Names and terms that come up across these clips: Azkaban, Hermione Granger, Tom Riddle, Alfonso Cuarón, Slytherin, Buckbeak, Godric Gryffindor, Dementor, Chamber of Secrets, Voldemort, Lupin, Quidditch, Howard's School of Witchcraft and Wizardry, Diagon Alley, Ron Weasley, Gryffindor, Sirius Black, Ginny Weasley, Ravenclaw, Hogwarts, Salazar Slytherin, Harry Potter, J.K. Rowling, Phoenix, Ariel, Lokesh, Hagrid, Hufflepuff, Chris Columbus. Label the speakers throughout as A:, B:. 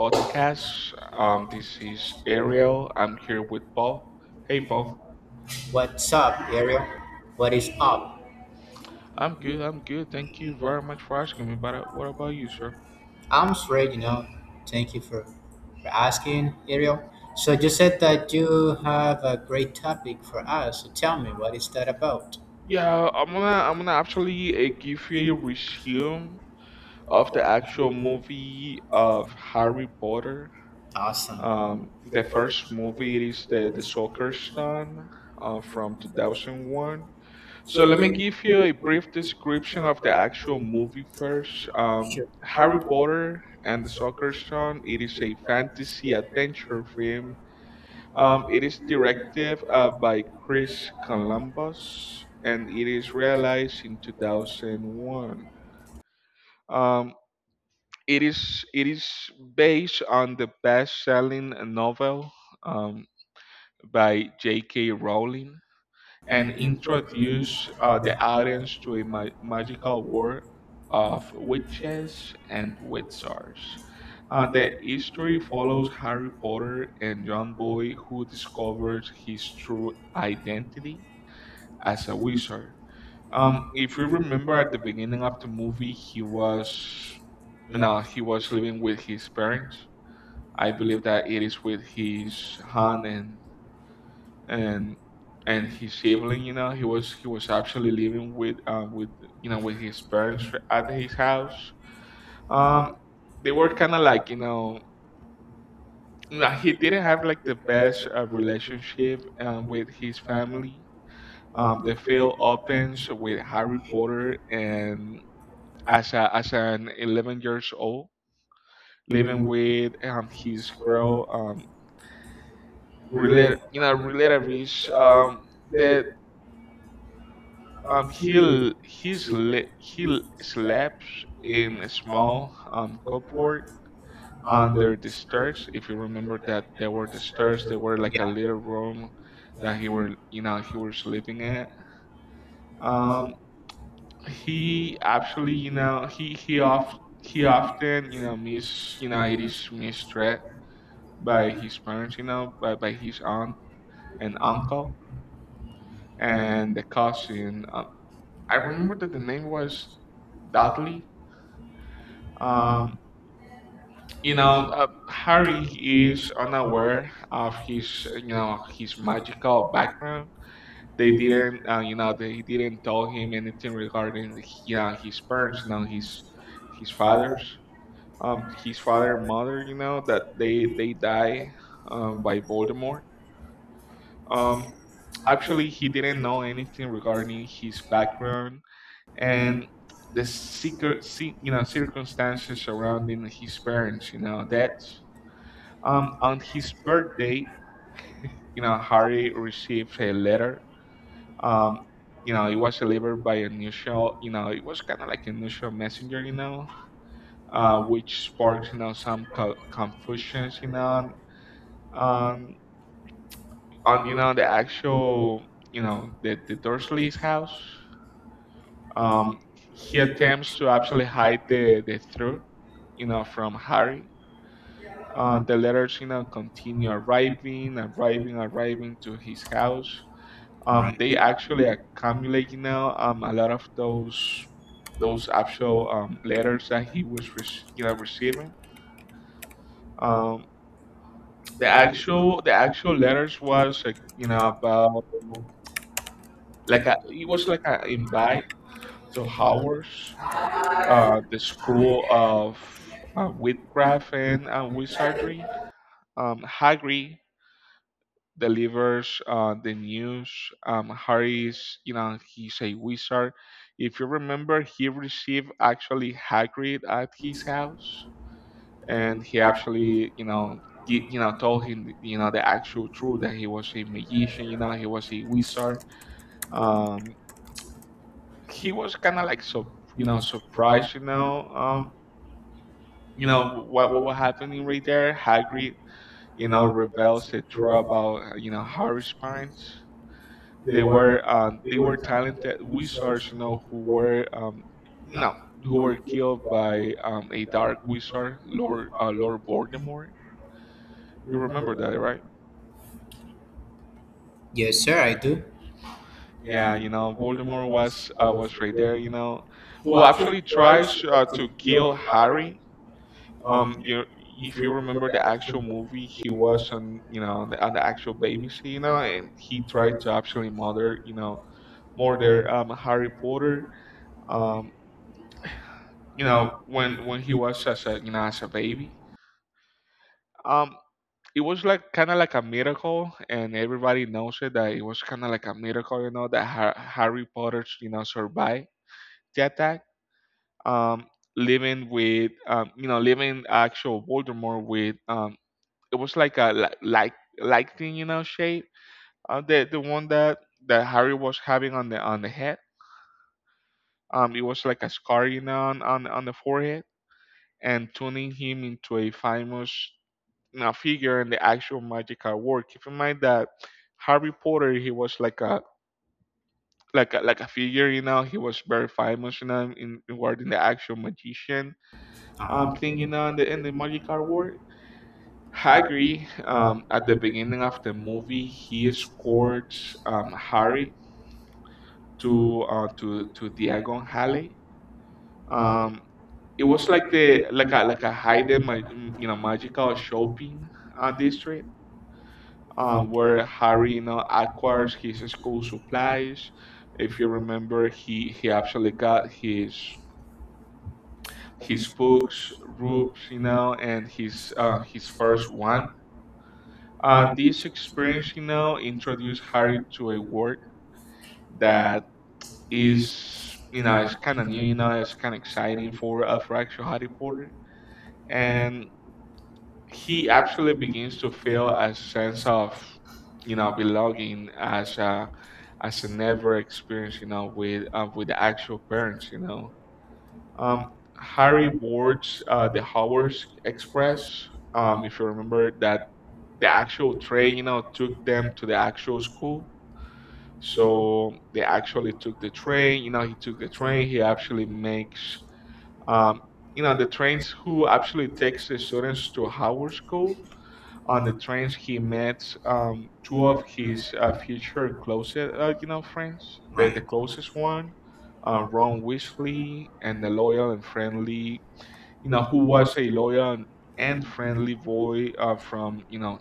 A: podcast. This is Ariel. I'm here with Paul. Hey, Paul.
B: What's up, Ariel? What is up?
A: I'm good. I'm good. Thank you very much for asking me. But what about you, sir?
B: I'm straight, you know. Thank you for asking, Ariel. So you said that you have a great topic for us. So tell me, what is that about?
A: Yeah, I'm gonna actually give you a resume of the actual movie of Harry Potter.
B: Awesome.
A: The
B: Yeah.
A: first movie is the Soccer Stone from 2001. So let me give you a brief description of the actual movie first. Harry Potter and the Sorcerer's Stone. It is a fantasy adventure film. It is directed by Chris Columbus, and it is realized in 2001. Um, it is based on the best-selling novel um, by J.K. Rowling, and introduce the audience to a magical world of witches and wizards. The history follows Harry Potter and John Boy, who discovers his true identity as a wizard. If you remember at the beginning of the movie, he was no, he was living with his parents. I believe that it is with his aunt and and and his sibling. He was actually living with you know with his parents at his house. Um, they were kind of like no, he didn't have like the best relationship with his family. The film opens with Harry Potter and as an 11 years old living with his girl related you know relatives. The He slept in a small cupboard under the stairs. If you remember that there were the stairs, there were like a little room that he were you know he was sleeping at. Um, he actually you know he off he often you know miss you know it is mistreated by his parents, by his aunt and uncle and the cousin. I remember that the name was Dudley. Um, Harry is unaware of his, his magical background. They didn't tell him anything regarding, his parents, his father's, his father and mother, that they die, by Voldemort. Um, Actually, he didn't know anything regarding his background and the secret circumstances surrounding his parents deaths. On his birthday, Harry received a letter. Um, it was delivered by a neutral. It was kind of like a neutral messenger. Which sparks some confusions um, on you know the actual you know the Dursley's house. Um, he attempts to actually hide the truth from Harry. The letters, continue arriving, arriving, arriving to his house. They actually accumulate now a lot of those actual letters that he was receiving. Um, the actual letters was about like it was like an invite to Howard's, the school of witchcraft and wizardry. Hagrid delivers the news. He's a wizard. If you remember, he received actually Hagrid at his house, and he actually, told him, the actual truth that he was a magician. He was a wizard. Um, he was kind of like so, surprised. You know what was happening right there. Hagrid, reveals the truth about Harry's parents. They were talented wizards, who were no, who were killed by a dark wizard, Lord Voldemort. You remember that, right?
B: Yes, sir. I do.
A: Yeah, Voldemort was right there, who actually tries to kill Harry. If you remember the actual movie, he was on the actual baby scene, and he tried to actually murder, you know, murder Harry Potter. Um, when he was as a baby, um it was like kind of like a miracle, and everybody knows it, that it was kind of like a miracle, that Harry Potter, survived the attack, um living with living actual Voldemort, with it was like lightning, shape, the one that Harry was having on the head. It was like a scar, on on the forehead, and turning him into a famous figure and the actual magical world. Keep in mind that Harry Potter, he was like a like a figure, He was very famous, in regarding the actual magician thing, in the magical world. Hagrid, at the beginning of the movie, he escorts Harry to to Diagon Alley. Um, it was like the a hidden, magical shopping district, where Harry, acquires his school supplies. If you remember, he actually got his books, ropes, and his first one. This experience, introduced Harry to a world that is, it's kind of new, it's kind of exciting for a for actual Harry Potter, and he actually begins to feel a sense of, belonging as a never experience, with the actual parents, Um, Harry boards the Howard Express. If you remember that the actual train, took them to the actual school. So they actually took the train. He took the train. He actually makes, um, the trains who actually takes the students to Howard School. On the trains, he meets two of his future closest, friends. The closest one, Ron Weasley, and the loyal and friendly, who was a loyal and friendly boy from,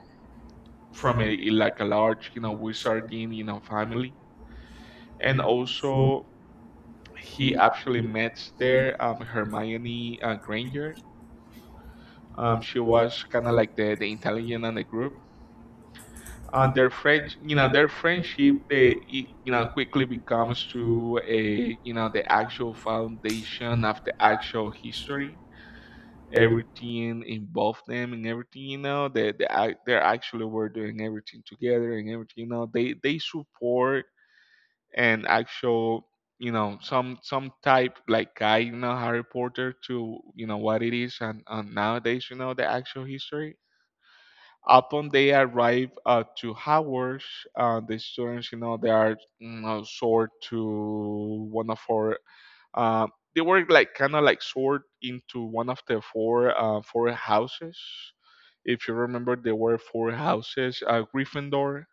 A: from a like a large, wizarding, family. And also, he actually met there Hermione Granger. She was kind of like the intelligent on the group and their friend. Their friendship, they it, quickly becomes to a you know the actual foundation of the actual history. Everything involved them and everything, they they actually were doing everything together, and everything, they support and actual, some type like guy, Harry Potter to, what it is. And Nowadays, the actual history. Upon they arrive to Howard, the students, they are, sort to one of our. Uh, they were like kind of like sort into one of the four houses. If you remember, there were four houses: Gryffindor,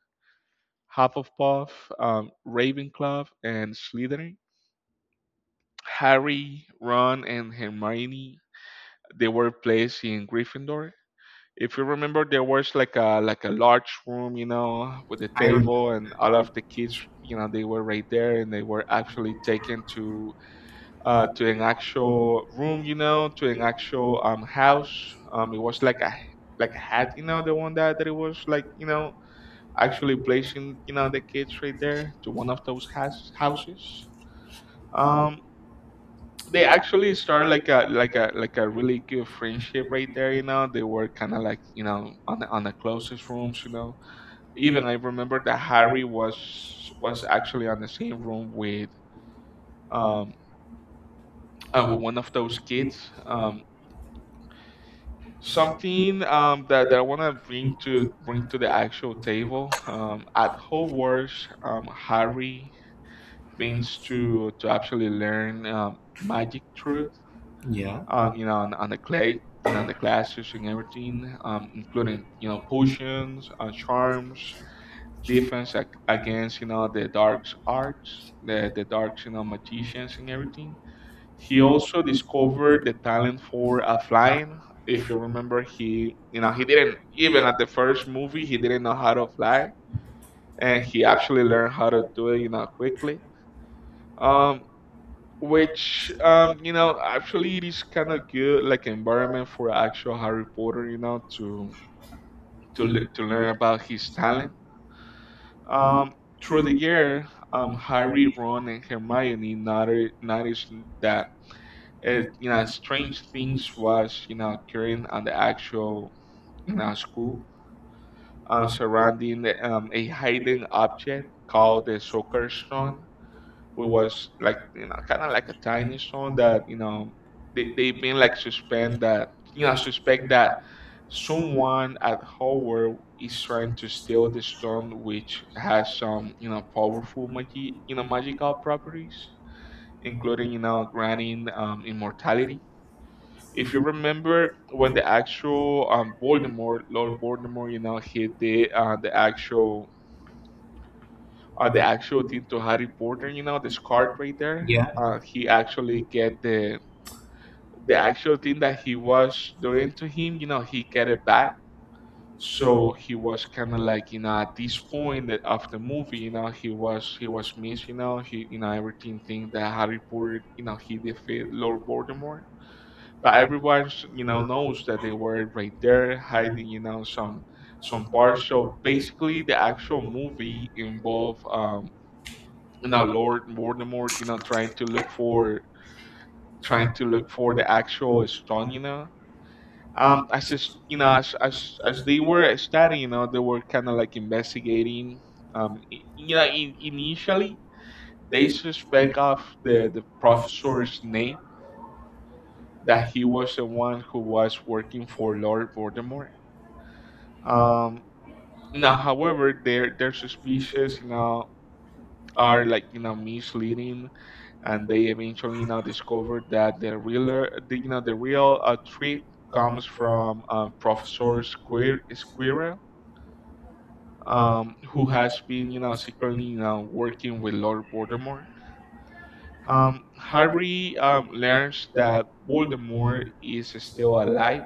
A: Hufflepuff, Ravenclaw, and Slytherin. Harry, Ron, and Hermione, they were placed in Gryffindor. If you remember, there was like a large room, with a table, and all of the kids, they were right there, and they were actually taken to an actual room, to an actual house. It was a hat, the one that it was like, actually placing, the kids right there to one of those houses. um they actually started like a a really good friendship right there, they were kind of like, on the closest rooms, even I remember that Harry was, actually on the same room um with one of those kids. um Something that, I want to bring to the actual table, at Hogwarts, Harry means to actually learn magic truth.
B: Yeah.
A: You know, on the clay, the classes and everything, including potions, charms, defense against, the dark arts, the dark, magicians, and everything. He also discovered the talent for flying. If you remember, he didn't, even at the first movie, he didn't know how to fly, and he actually learned how to do it, quickly. Um, which actually it is kind of good like environment for actual Harry Potter to learn about his talent um through the year. Harry, Ron and Hermione noticed that strange things was occurring on the actual school, surrounding a hidden object called the soccer stone. It was like kind of like a tiny song that they've been like suspend, that suspect that someone at Howard is trying to steal the stone, which has some powerful magical properties, including granting, immortality. If you remember, when the actual Voldemort Lord Voldemort hit the the actual thing to Harry Potter, this card right there.
B: Yeah.
A: He actually get the actual thing that he was doing to him, he get it back. So he was kind of like, at this point of the movie, he was missed, he everything thing that Harry Potter, he defeat Lord Voldemort. But everyone, knows that they were right there hiding, some parts. So basically, the actual movie involved, Lord Voldemort, trying to look for the actual stone. As just, as they were studying, they were kind of like investigating. Initially they suspect of the professor's name, that he was the one who was working for Lord Voldemort. Um, now, however, their suspicions, are like misleading, and they eventually now discovered that the real, the real treat comes from Professor Squirrel, who has been, secretly, working with Lord Voldemort. Harry, learns that Voldemort is still alive.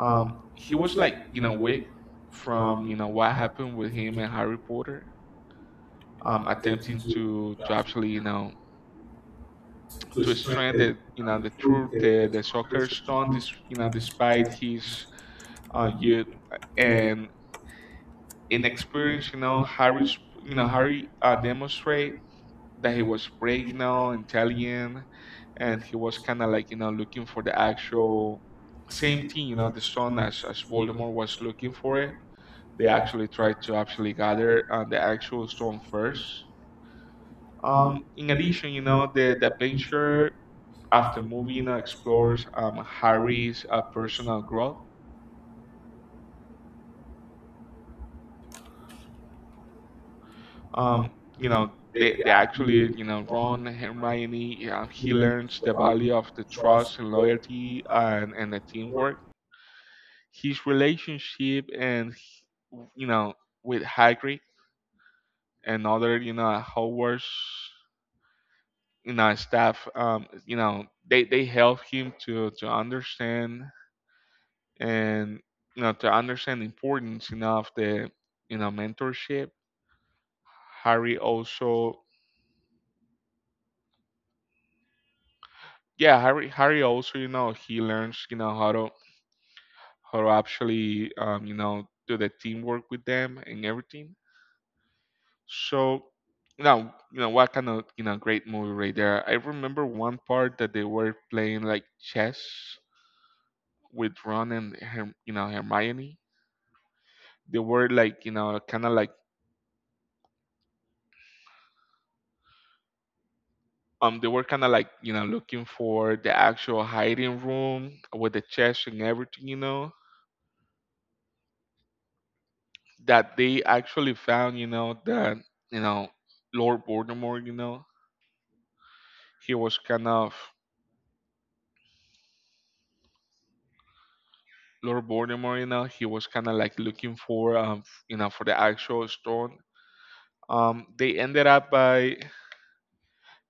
A: He was like, weak from, what happened with him, and Harry Potter, attempting to actually, to strengthen the soccer stone. This, despite his youth, and inexperience, harry's you know harry demonstrate that he was brave, intelligent, and he was kind of like looking for the actual same thing, the stone, as Voldemort was looking for it. They actually tried to actually gather, the actual stone first. In addition, the adventure after moving, you explores, Harry's personal growth. Um, you know they actually, Ron, Hermione, yeah, he learns the value of the trust and loyalty, and the teamwork. His relationship and you know with Hagrid and other Hogwarts staff, they help him to understand, and to understand the importance, of the, mentorship. Harry also, yeah, he learns, how to actually, do the teamwork with them and everything. So, now, what kind of, great movie right there. I remember one part that they were playing like chess with Ron and Hermione. They were like, kind of like, looking for the actual hiding room with the chest and everything, that they actually found, that you know Lord Voldemort, he was kind of he was kind of like looking for, for the actual stone. They ended up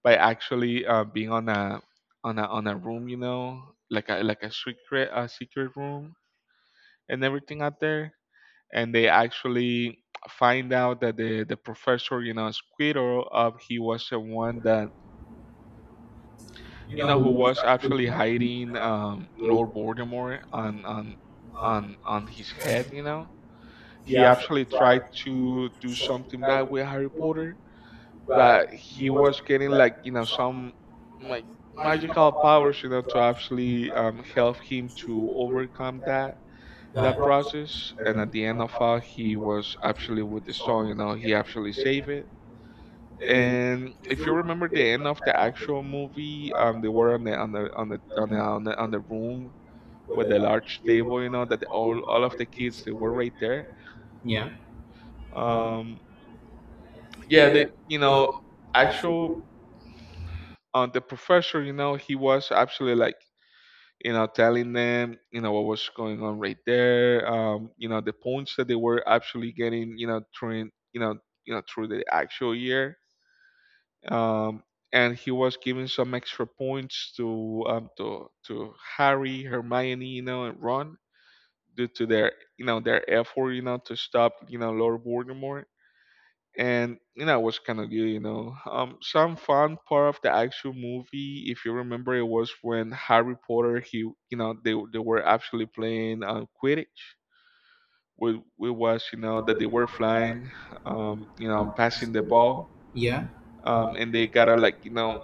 A: by actually being on a room, like a secret room and everything out there, and they actually find out that the professor, Squirrel, he was the one that who was actually hiding, Lord Voldemort on his head. He actually tried to do something bad with Harry Potter, but he was getting like, some like magical powers, to actually, help him to overcome that process. And at the end of all, he was actually with the stone. He actually saved it. And if you remember the end of the actual movie, they were on the on the on the on the on the, on the room with the large table, that the, all of the kids they were right there.
B: Yeah,
A: Um, yeah, actual the professor, he was actually like, telling them what was going on right there. The points that they were actually getting, during, through the actual year, um, and he was giving some extra points to, Harry, Hermione, and Ron due to their effort, to stop, Lord Voldemort. And it was kind of good. Some fun part of the actual movie, if you remember, it was when Harry Potter, they were actually playing, Quidditch. It was, that they were flying, passing the ball,
B: yeah,
A: and they gotta like,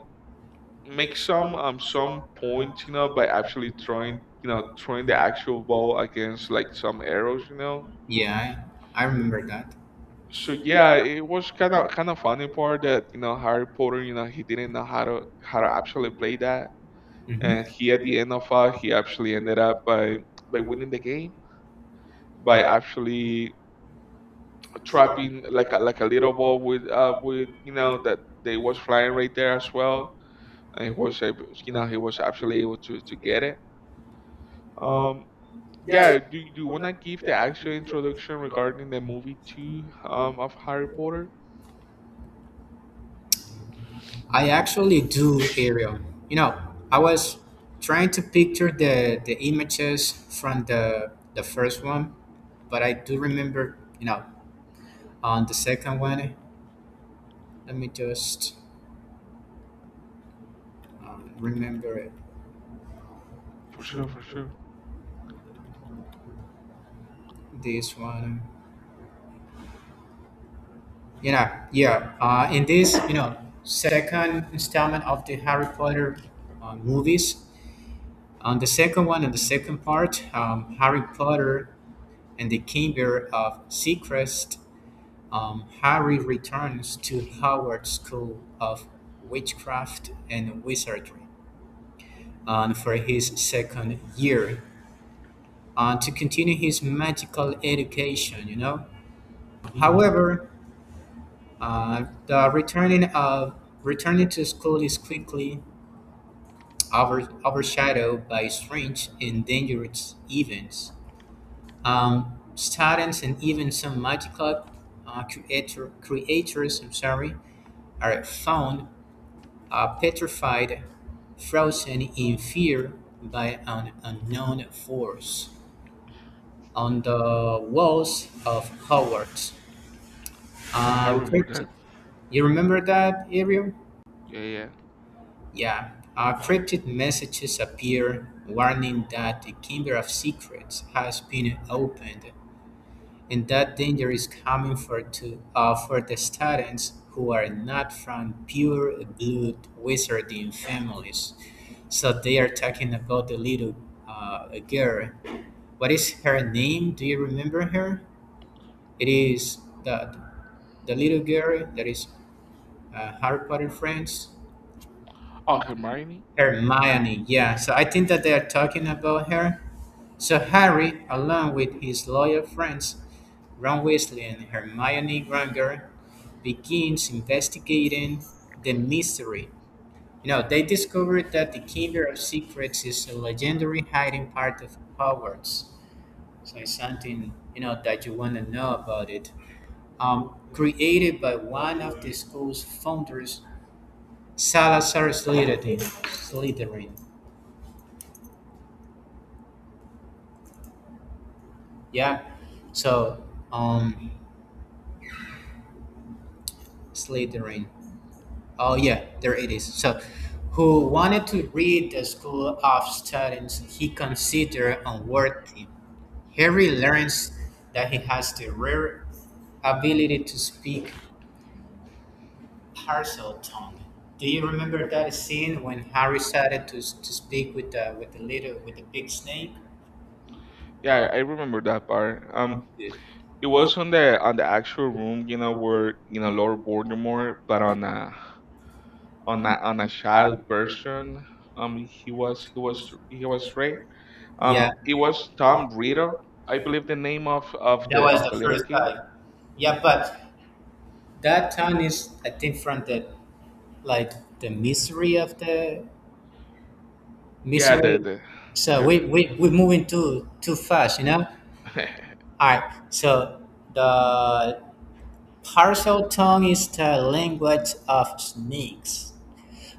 A: make some, some points, by actually throwing you know throwing the actual ball against like some arrows.
B: yeah. I remember that.
A: So yeah, it was kind of funny part that, Harry Potter, he didn't know how to actually play that. And
B: hmm
A: he at the end of it, he actually ended up by winning the game by actually trapping like a little ball with, with, that they was flying right there as well, and he was able, he was actually able to get it. Um, yeah, do you wanna give the actual introduction regarding the movie two, of Harry Potter?
B: I actually do, Ariel. You know, I was trying to picture the images from the first one, but I do remember. You know, on the second one, let me just remember it.
A: For sure, for sure.
B: This one. You know, yeah. In this, you know, second installment of the Harry Potter movies, on the second one, on the second part, Harry Potter and the Chamber of Secrets, Harry returns to Howard's School of Witchcraft and Wizardry for his second year to continue his magical education, you know. Um,
A: Hmm,
B: however, uh, the returning to school is quickly overshadowed by strange and dangerous events, students and even some multi-cloud creators, I'm sorry, are found petrified, frozen in fear by an unknown force on the walls of Hogwarts.
A: I remember
B: Cryptid,
A: that.
B: you remember that, Ariel?
A: Yeah, yeah.
B: Yeah. Cryptid messages appear warning that the Chamber of Secrets has been opened and that danger is coming for the students who are not from pure blood wizarding families. So they are talking about the little girl. What is her name? Do you remember her? It is the, the little girl that is Harry Potter friends.
A: Oh, Hermione.
B: Hermione, yeah. So I think that they are talking about her. So Harry, along with his loyal friends Ron Weasley and Hermione Granger, begins investigating the mystery. You know, they discovered that the Chamber of Secrets is a legendary hiding part of Hogwarts. So it's something, you know, that you want to know about it. Created by one of the school's founders, Salazar Slytherin. Slytherin, yeah. So, um, Slytherin. Oh yeah, there it is. So, who wanted to read the school of students he considered unworthy. Harry learns that he has the rare ability to speak parcel tongue. Do you remember that scene when Harry started to speak with the little with the big snake?
A: Yeah, I remember that part. It was on the actual room, where, Lord Voldemort, but on a child version. Um, he was he was he was right. Um,
B: Yeah,
A: it was Tom
B: that
A: Riddle, I believe the name of of the
B: was
A: of the
B: the
A: little
B: first
A: kid.
B: time. Yeah, but that tongue is I think from the like the misery of the Miss,
A: Yeah,
B: we so
A: the-
B: we moving too fast, you know? Alright, so the partial tongue is the language of snakes,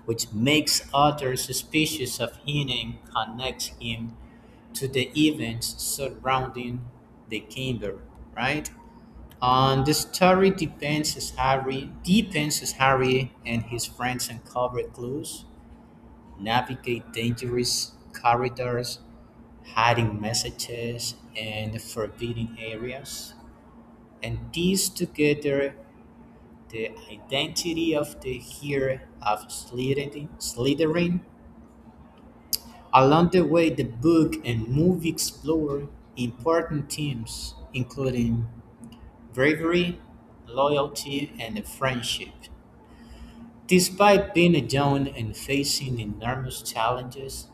B: which makes others suspicious of him and connects him to the events surrounding the kingdom, right? On the story depends as Harry and his friends uncover clues, navigate dangerous corridors, hiding messages and forbidden areas. And these together, the identity of the hero of Slytherin. Along the way, the book and movie explore important themes, including bravery, loyalty, and friendship. Despite being alone and facing enormous challenges,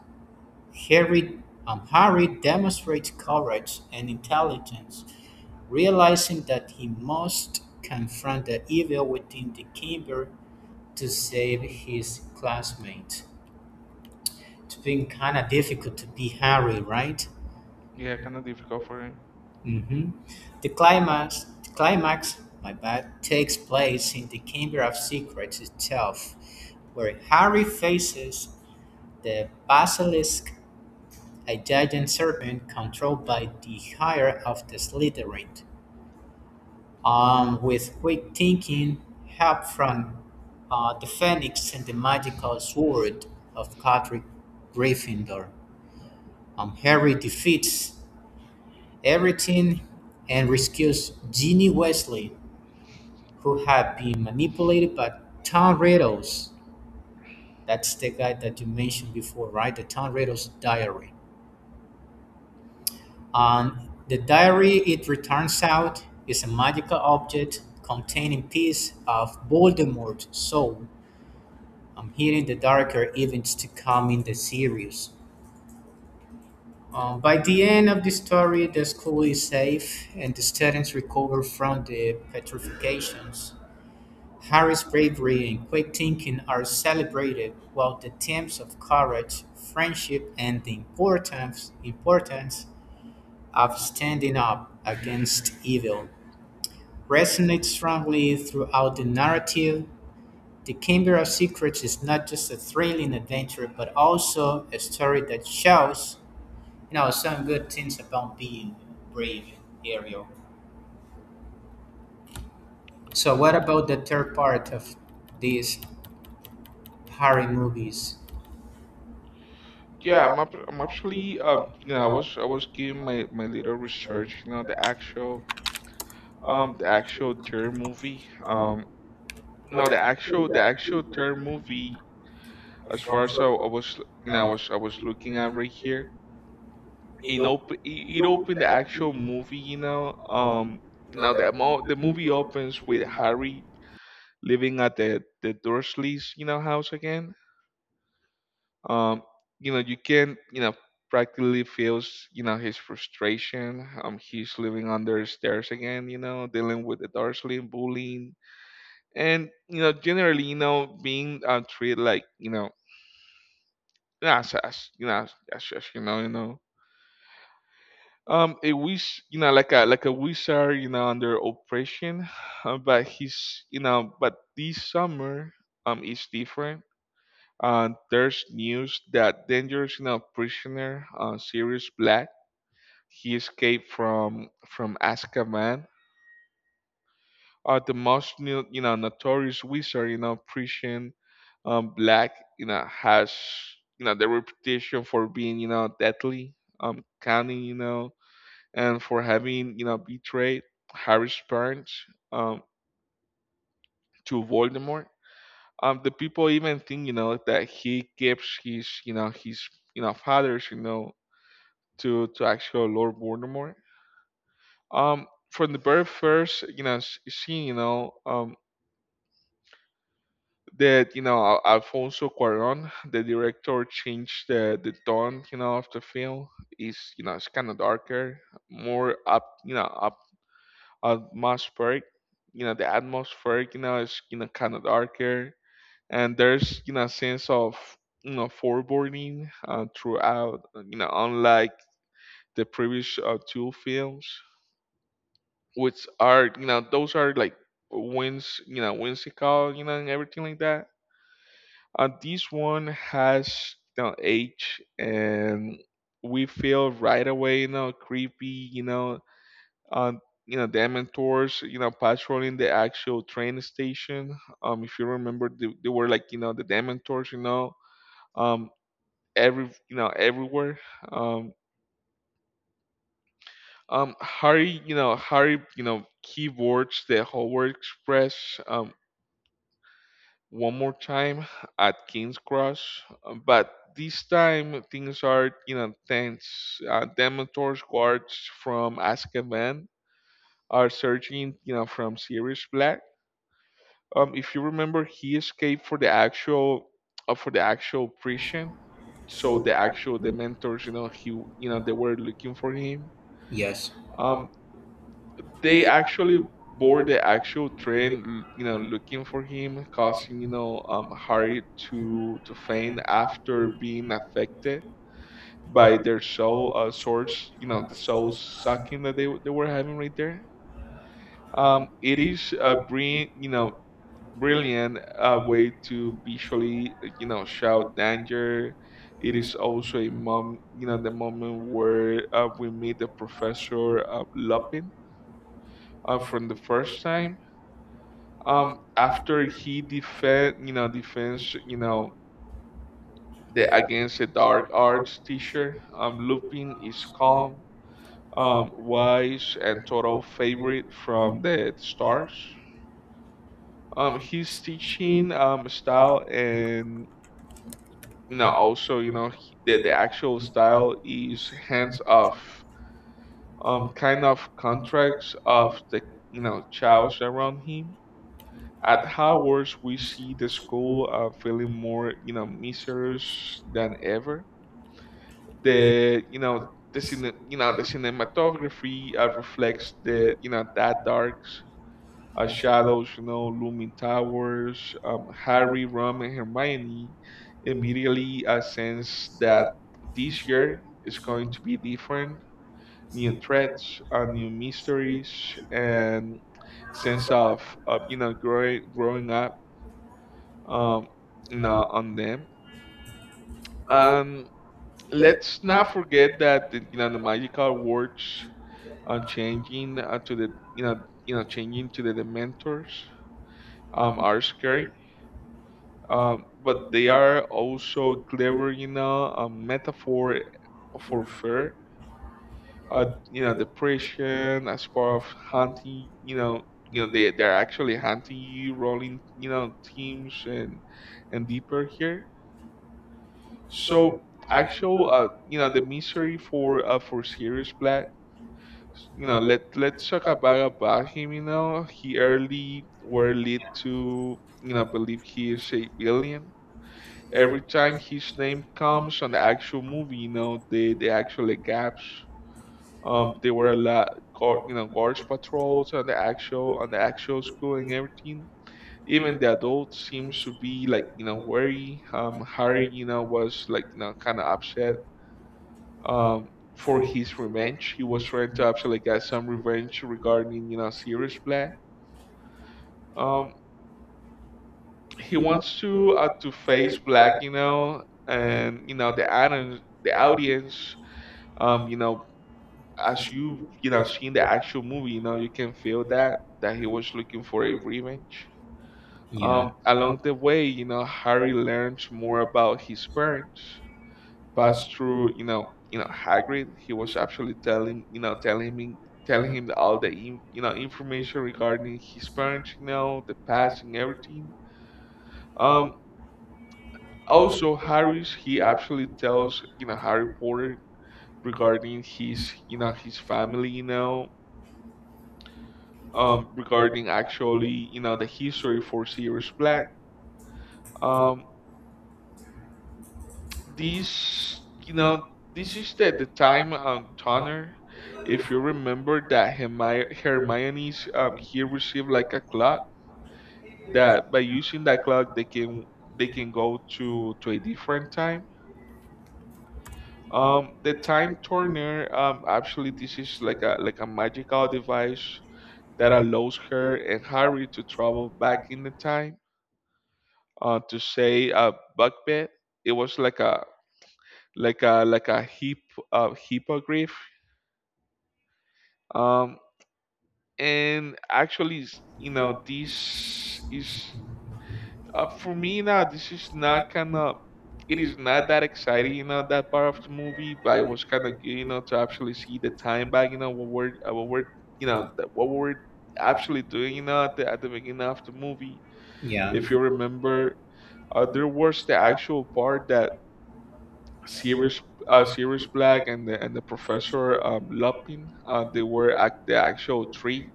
B: Harry, Harry demonstrates courage and intelligence, realizing that he must confront the evil within the chamber to save his classmate. It's been kind of difficult to be Harry, right?
A: Yeah, kind of difficult for him.
B: hmm The climax, my bad, takes place in the Chamber of Secrets itself, where Harry faces the basilisk, a giant serpent controlled by the Higher of the Slytherin. With quick thinking, help from the Phoenix and the magical sword of Godric Gryffindor, Harry defeats everything and rescues Ginny Weasley, who had been manipulated by Tom Riddle's. That's the guy that you mentioned before, right? The Tom Riddle's diary. The diary, it returns out, is a magical object containing piece of Voldemort's soul, I'm hitting the darker events to come in the series. By the end of the story, the school is safe and the students recover from the petrifications. Harry's bravery and quick thinking are celebrated, while the themes of courage, friendship, and the importance of standing up against evil resonate strongly throughout the narrative. The Chamber of Secrets is not just a thrilling adventure, but also a story that shows, you know, some good things about being brave, Ariel. So, what about the third part of these Harry movies?
A: Yeah, I'm actually, I was giving my little research, the actual, the actual terror movie, no, the actual third movie. As far as I, I was, I was looking at right here, it opened the actual movie. Now that the movie opens with Harry living at the Dursleys, house again. Um, you can, practically feels, his frustration. He's living under stairs again. Dealing with the Dursley bullying, and generally being, treated like, yeah, as as a wish, like a wizard, under oppression, but he's, you know, but this summer, is different. There's news that dangerous, prisoner, Sirius Black, he escaped from Azkaban. Are the most notorious wizard, Prussian, black, has, the reputation for being, deadly, cunning, and for having betrayed Harry's parents, um to Voldemort. The people even think, that he gives his, fathers, to actual Lord Voldemort. From the very first, scene, that, Alfonso Cuarón, the director, changed the tone, of the film. It's you know it's kind of darker, more up atmospheric. The atmospheric, is, kind of darker, and there's, a sense of, foreboding, throughout. Unlike the previous, two films, which are, those are like whimsical, and everything like that. And this one has, age, and we feel right away, creepy, you know, um, the Dementors, patrolling the actual train station. If you remember, they were like, the Dementors, um, everywhere. Um, Harry, keyboards the Howard Express. One more time at King's Cross, but this time things are in a tense. Dementor guards from Azkaban are searching, from Sirius Black. If you remember, he escaped for the actual prison. So the actual Dementors, they were looking for him.
B: Yes.
A: Um, they actually board the actual train, looking for him, causing Harry to faint after being affected by their soul source, the soul sucking that they were having right there. It is a brilliant, brilliant way to visually, shout danger. It is also a mom, you know, the moment where we meet the professor, Lupin, from the first time, after he defends the against the dark arts teacher. Lupin is calm, wise, and total favorite from the stars. His teaching style and also he, the actual style is hands off, kind of contracts of the chaos around him. At Hogwarts, we see the school feeling more, mysterious than ever. The, you know, the cine, you know, the cinematography reflects that dark shadows, looming towers. Harry, Ron, and Hermione immediately sense that this year is going to be different. New threats, new mysteries, and sense of growing up, um, you on them. And let's not forget that the the magical words are changing to the changing to the Dementors, are scary, but they are also clever, a metaphor for fear. Depression as part of hunting. They're actually hunting you, rolling teams and deeper here. So actual, the mystery for Sirius Black. Let's talk about him. He early were lead to believe he is a alien. Every time his name comes on the actual movie, the actual gaps. There were a lot, guards patrols on the actual school and everything. Even the adults seems to be like worried. Harry, was like kind of upset, um, for his revenge. He was trying to actually get some revenge regarding Sirius Black. Um, he wants to face Black, and the audience, um, you know, as you you know seen the actual movie, you can feel that he was looking for a revenge.
B: Yeah.
A: Along the way, Harry learns more about his parents pass through, Hagrid. He was actually telling him all the information regarding his parents, the past and everything. Um, also he actually tells, Harry Potter regarding his family, regarding actually, the history for Sirius Black. Um, this you know this is the time on Tanner. If you remember that Hermione's, he received like a clock that by using that clock they can go to a different time, the time turner. Um, actually, this is like a magical device that allows her and Harry to travel back in the time, to say, Buckbed. It was like a hippogriff. Um, and actually, this is, for me now. This is not kind of. It is not that exciting, that part of the movie. But it was kind of good, to actually see the time back, what we're actually doing, at the beginning of the movie.
B: Yeah.
A: If you remember, there was the actual part that Sirius, Sirius Black and the Professor, Lupin, they were at the actual tree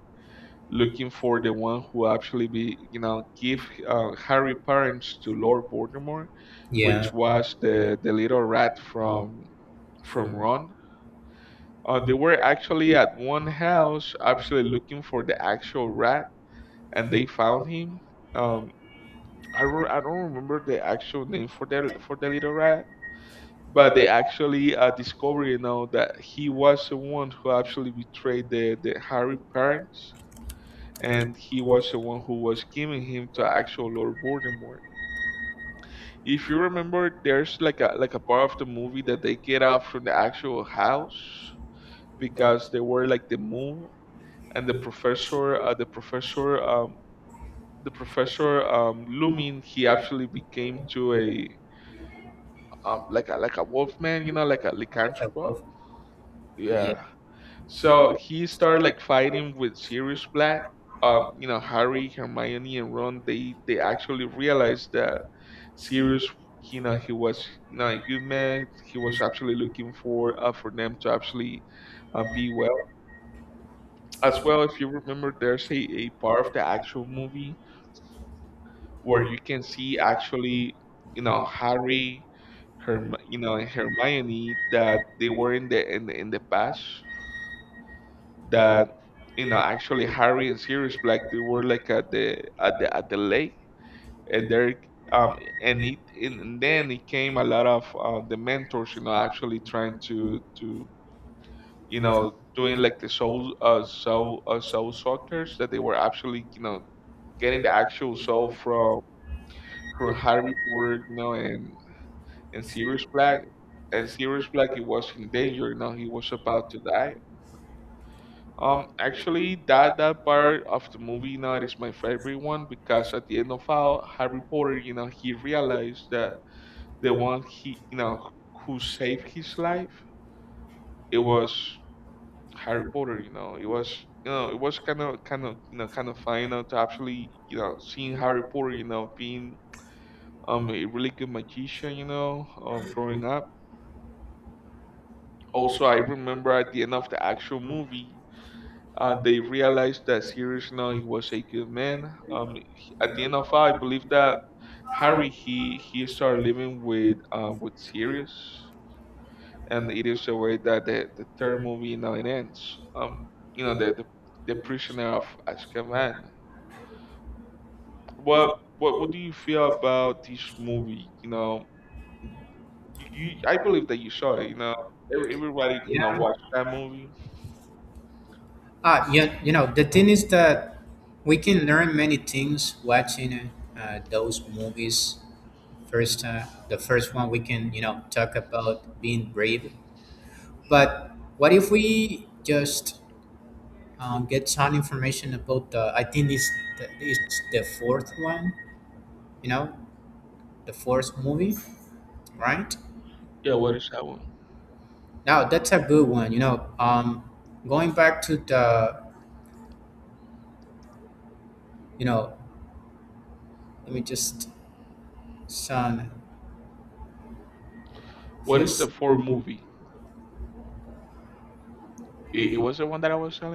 A: looking for the one who actually be you know give, Harry parents to Lord Voldemort,
B: Yeah.
A: which was the little rat from Ron. They were actually at one house actually looking for the actual rat, and they found him. Um, I don't remember the actual name for the little rat, but they actually discovered that he was the one who actually betrayed the Harry parents, and he was the one who was giving him to actual Lord Voldemort. If you remember, there's like a part of the movie that they get out from the actual house because they were like the moon, and the professor, the professor, the professor Lumin, he actually became to a, like a wolfman, like a lycanthrope.
B: Reservoir. Yeah.
A: Yeah. So he started like fighting with Sirius Black. Harry, Hermione, and Ron, they actually realized that series. He was not a good man. He was actually looking for them to actually be well. As well, if you remember, there's a part of the actual movie where you can see actually, Harry, her, and Hermione, that they were in in the past that actually Harry and Sirius Black, they were like at the lake. And there, um and then it came a lot of, the mentors, actually trying to doing like the soul soul suckers that they were actually getting the actual soul from Harry Potter, and Sirius Black and Sirius Black, it was in danger. He was about to die. Um, actually, that part of the movie, it is my favorite one, because at the end of all, Harry Potter, he realized that the one, he you know who saved his life, it was Harry Potter. It was, it was kind of fun, to actually seeing Harry Potter, being, a really good magician. Growing up, also I remember at the end of the actual movie, they realized that Sirius, he was a good man. At the end of it, I believe that Harry, he started living with, with Sirius. And it is the way that the third movie now it ends. You know the the, the prisoner of Azkaban. What what do you feel about this movie? You know, you I believe that you saw it. Everybody
B: Yeah.
A: watched that movie.
B: Ah, yeah, you know, the thing is that we can learn many things watching those movies. First, the first one we can, you know, talk about being brave. But what if we just get some information about I think it's it's the fourth one, you know, the fourth movie, right?
A: Yeah, what is that one?
B: Now, that's a good one, you know, going back to you know, let me just, Sean,
A: What is the
B: yes.
A: fourth movie? It was the one that I was telling.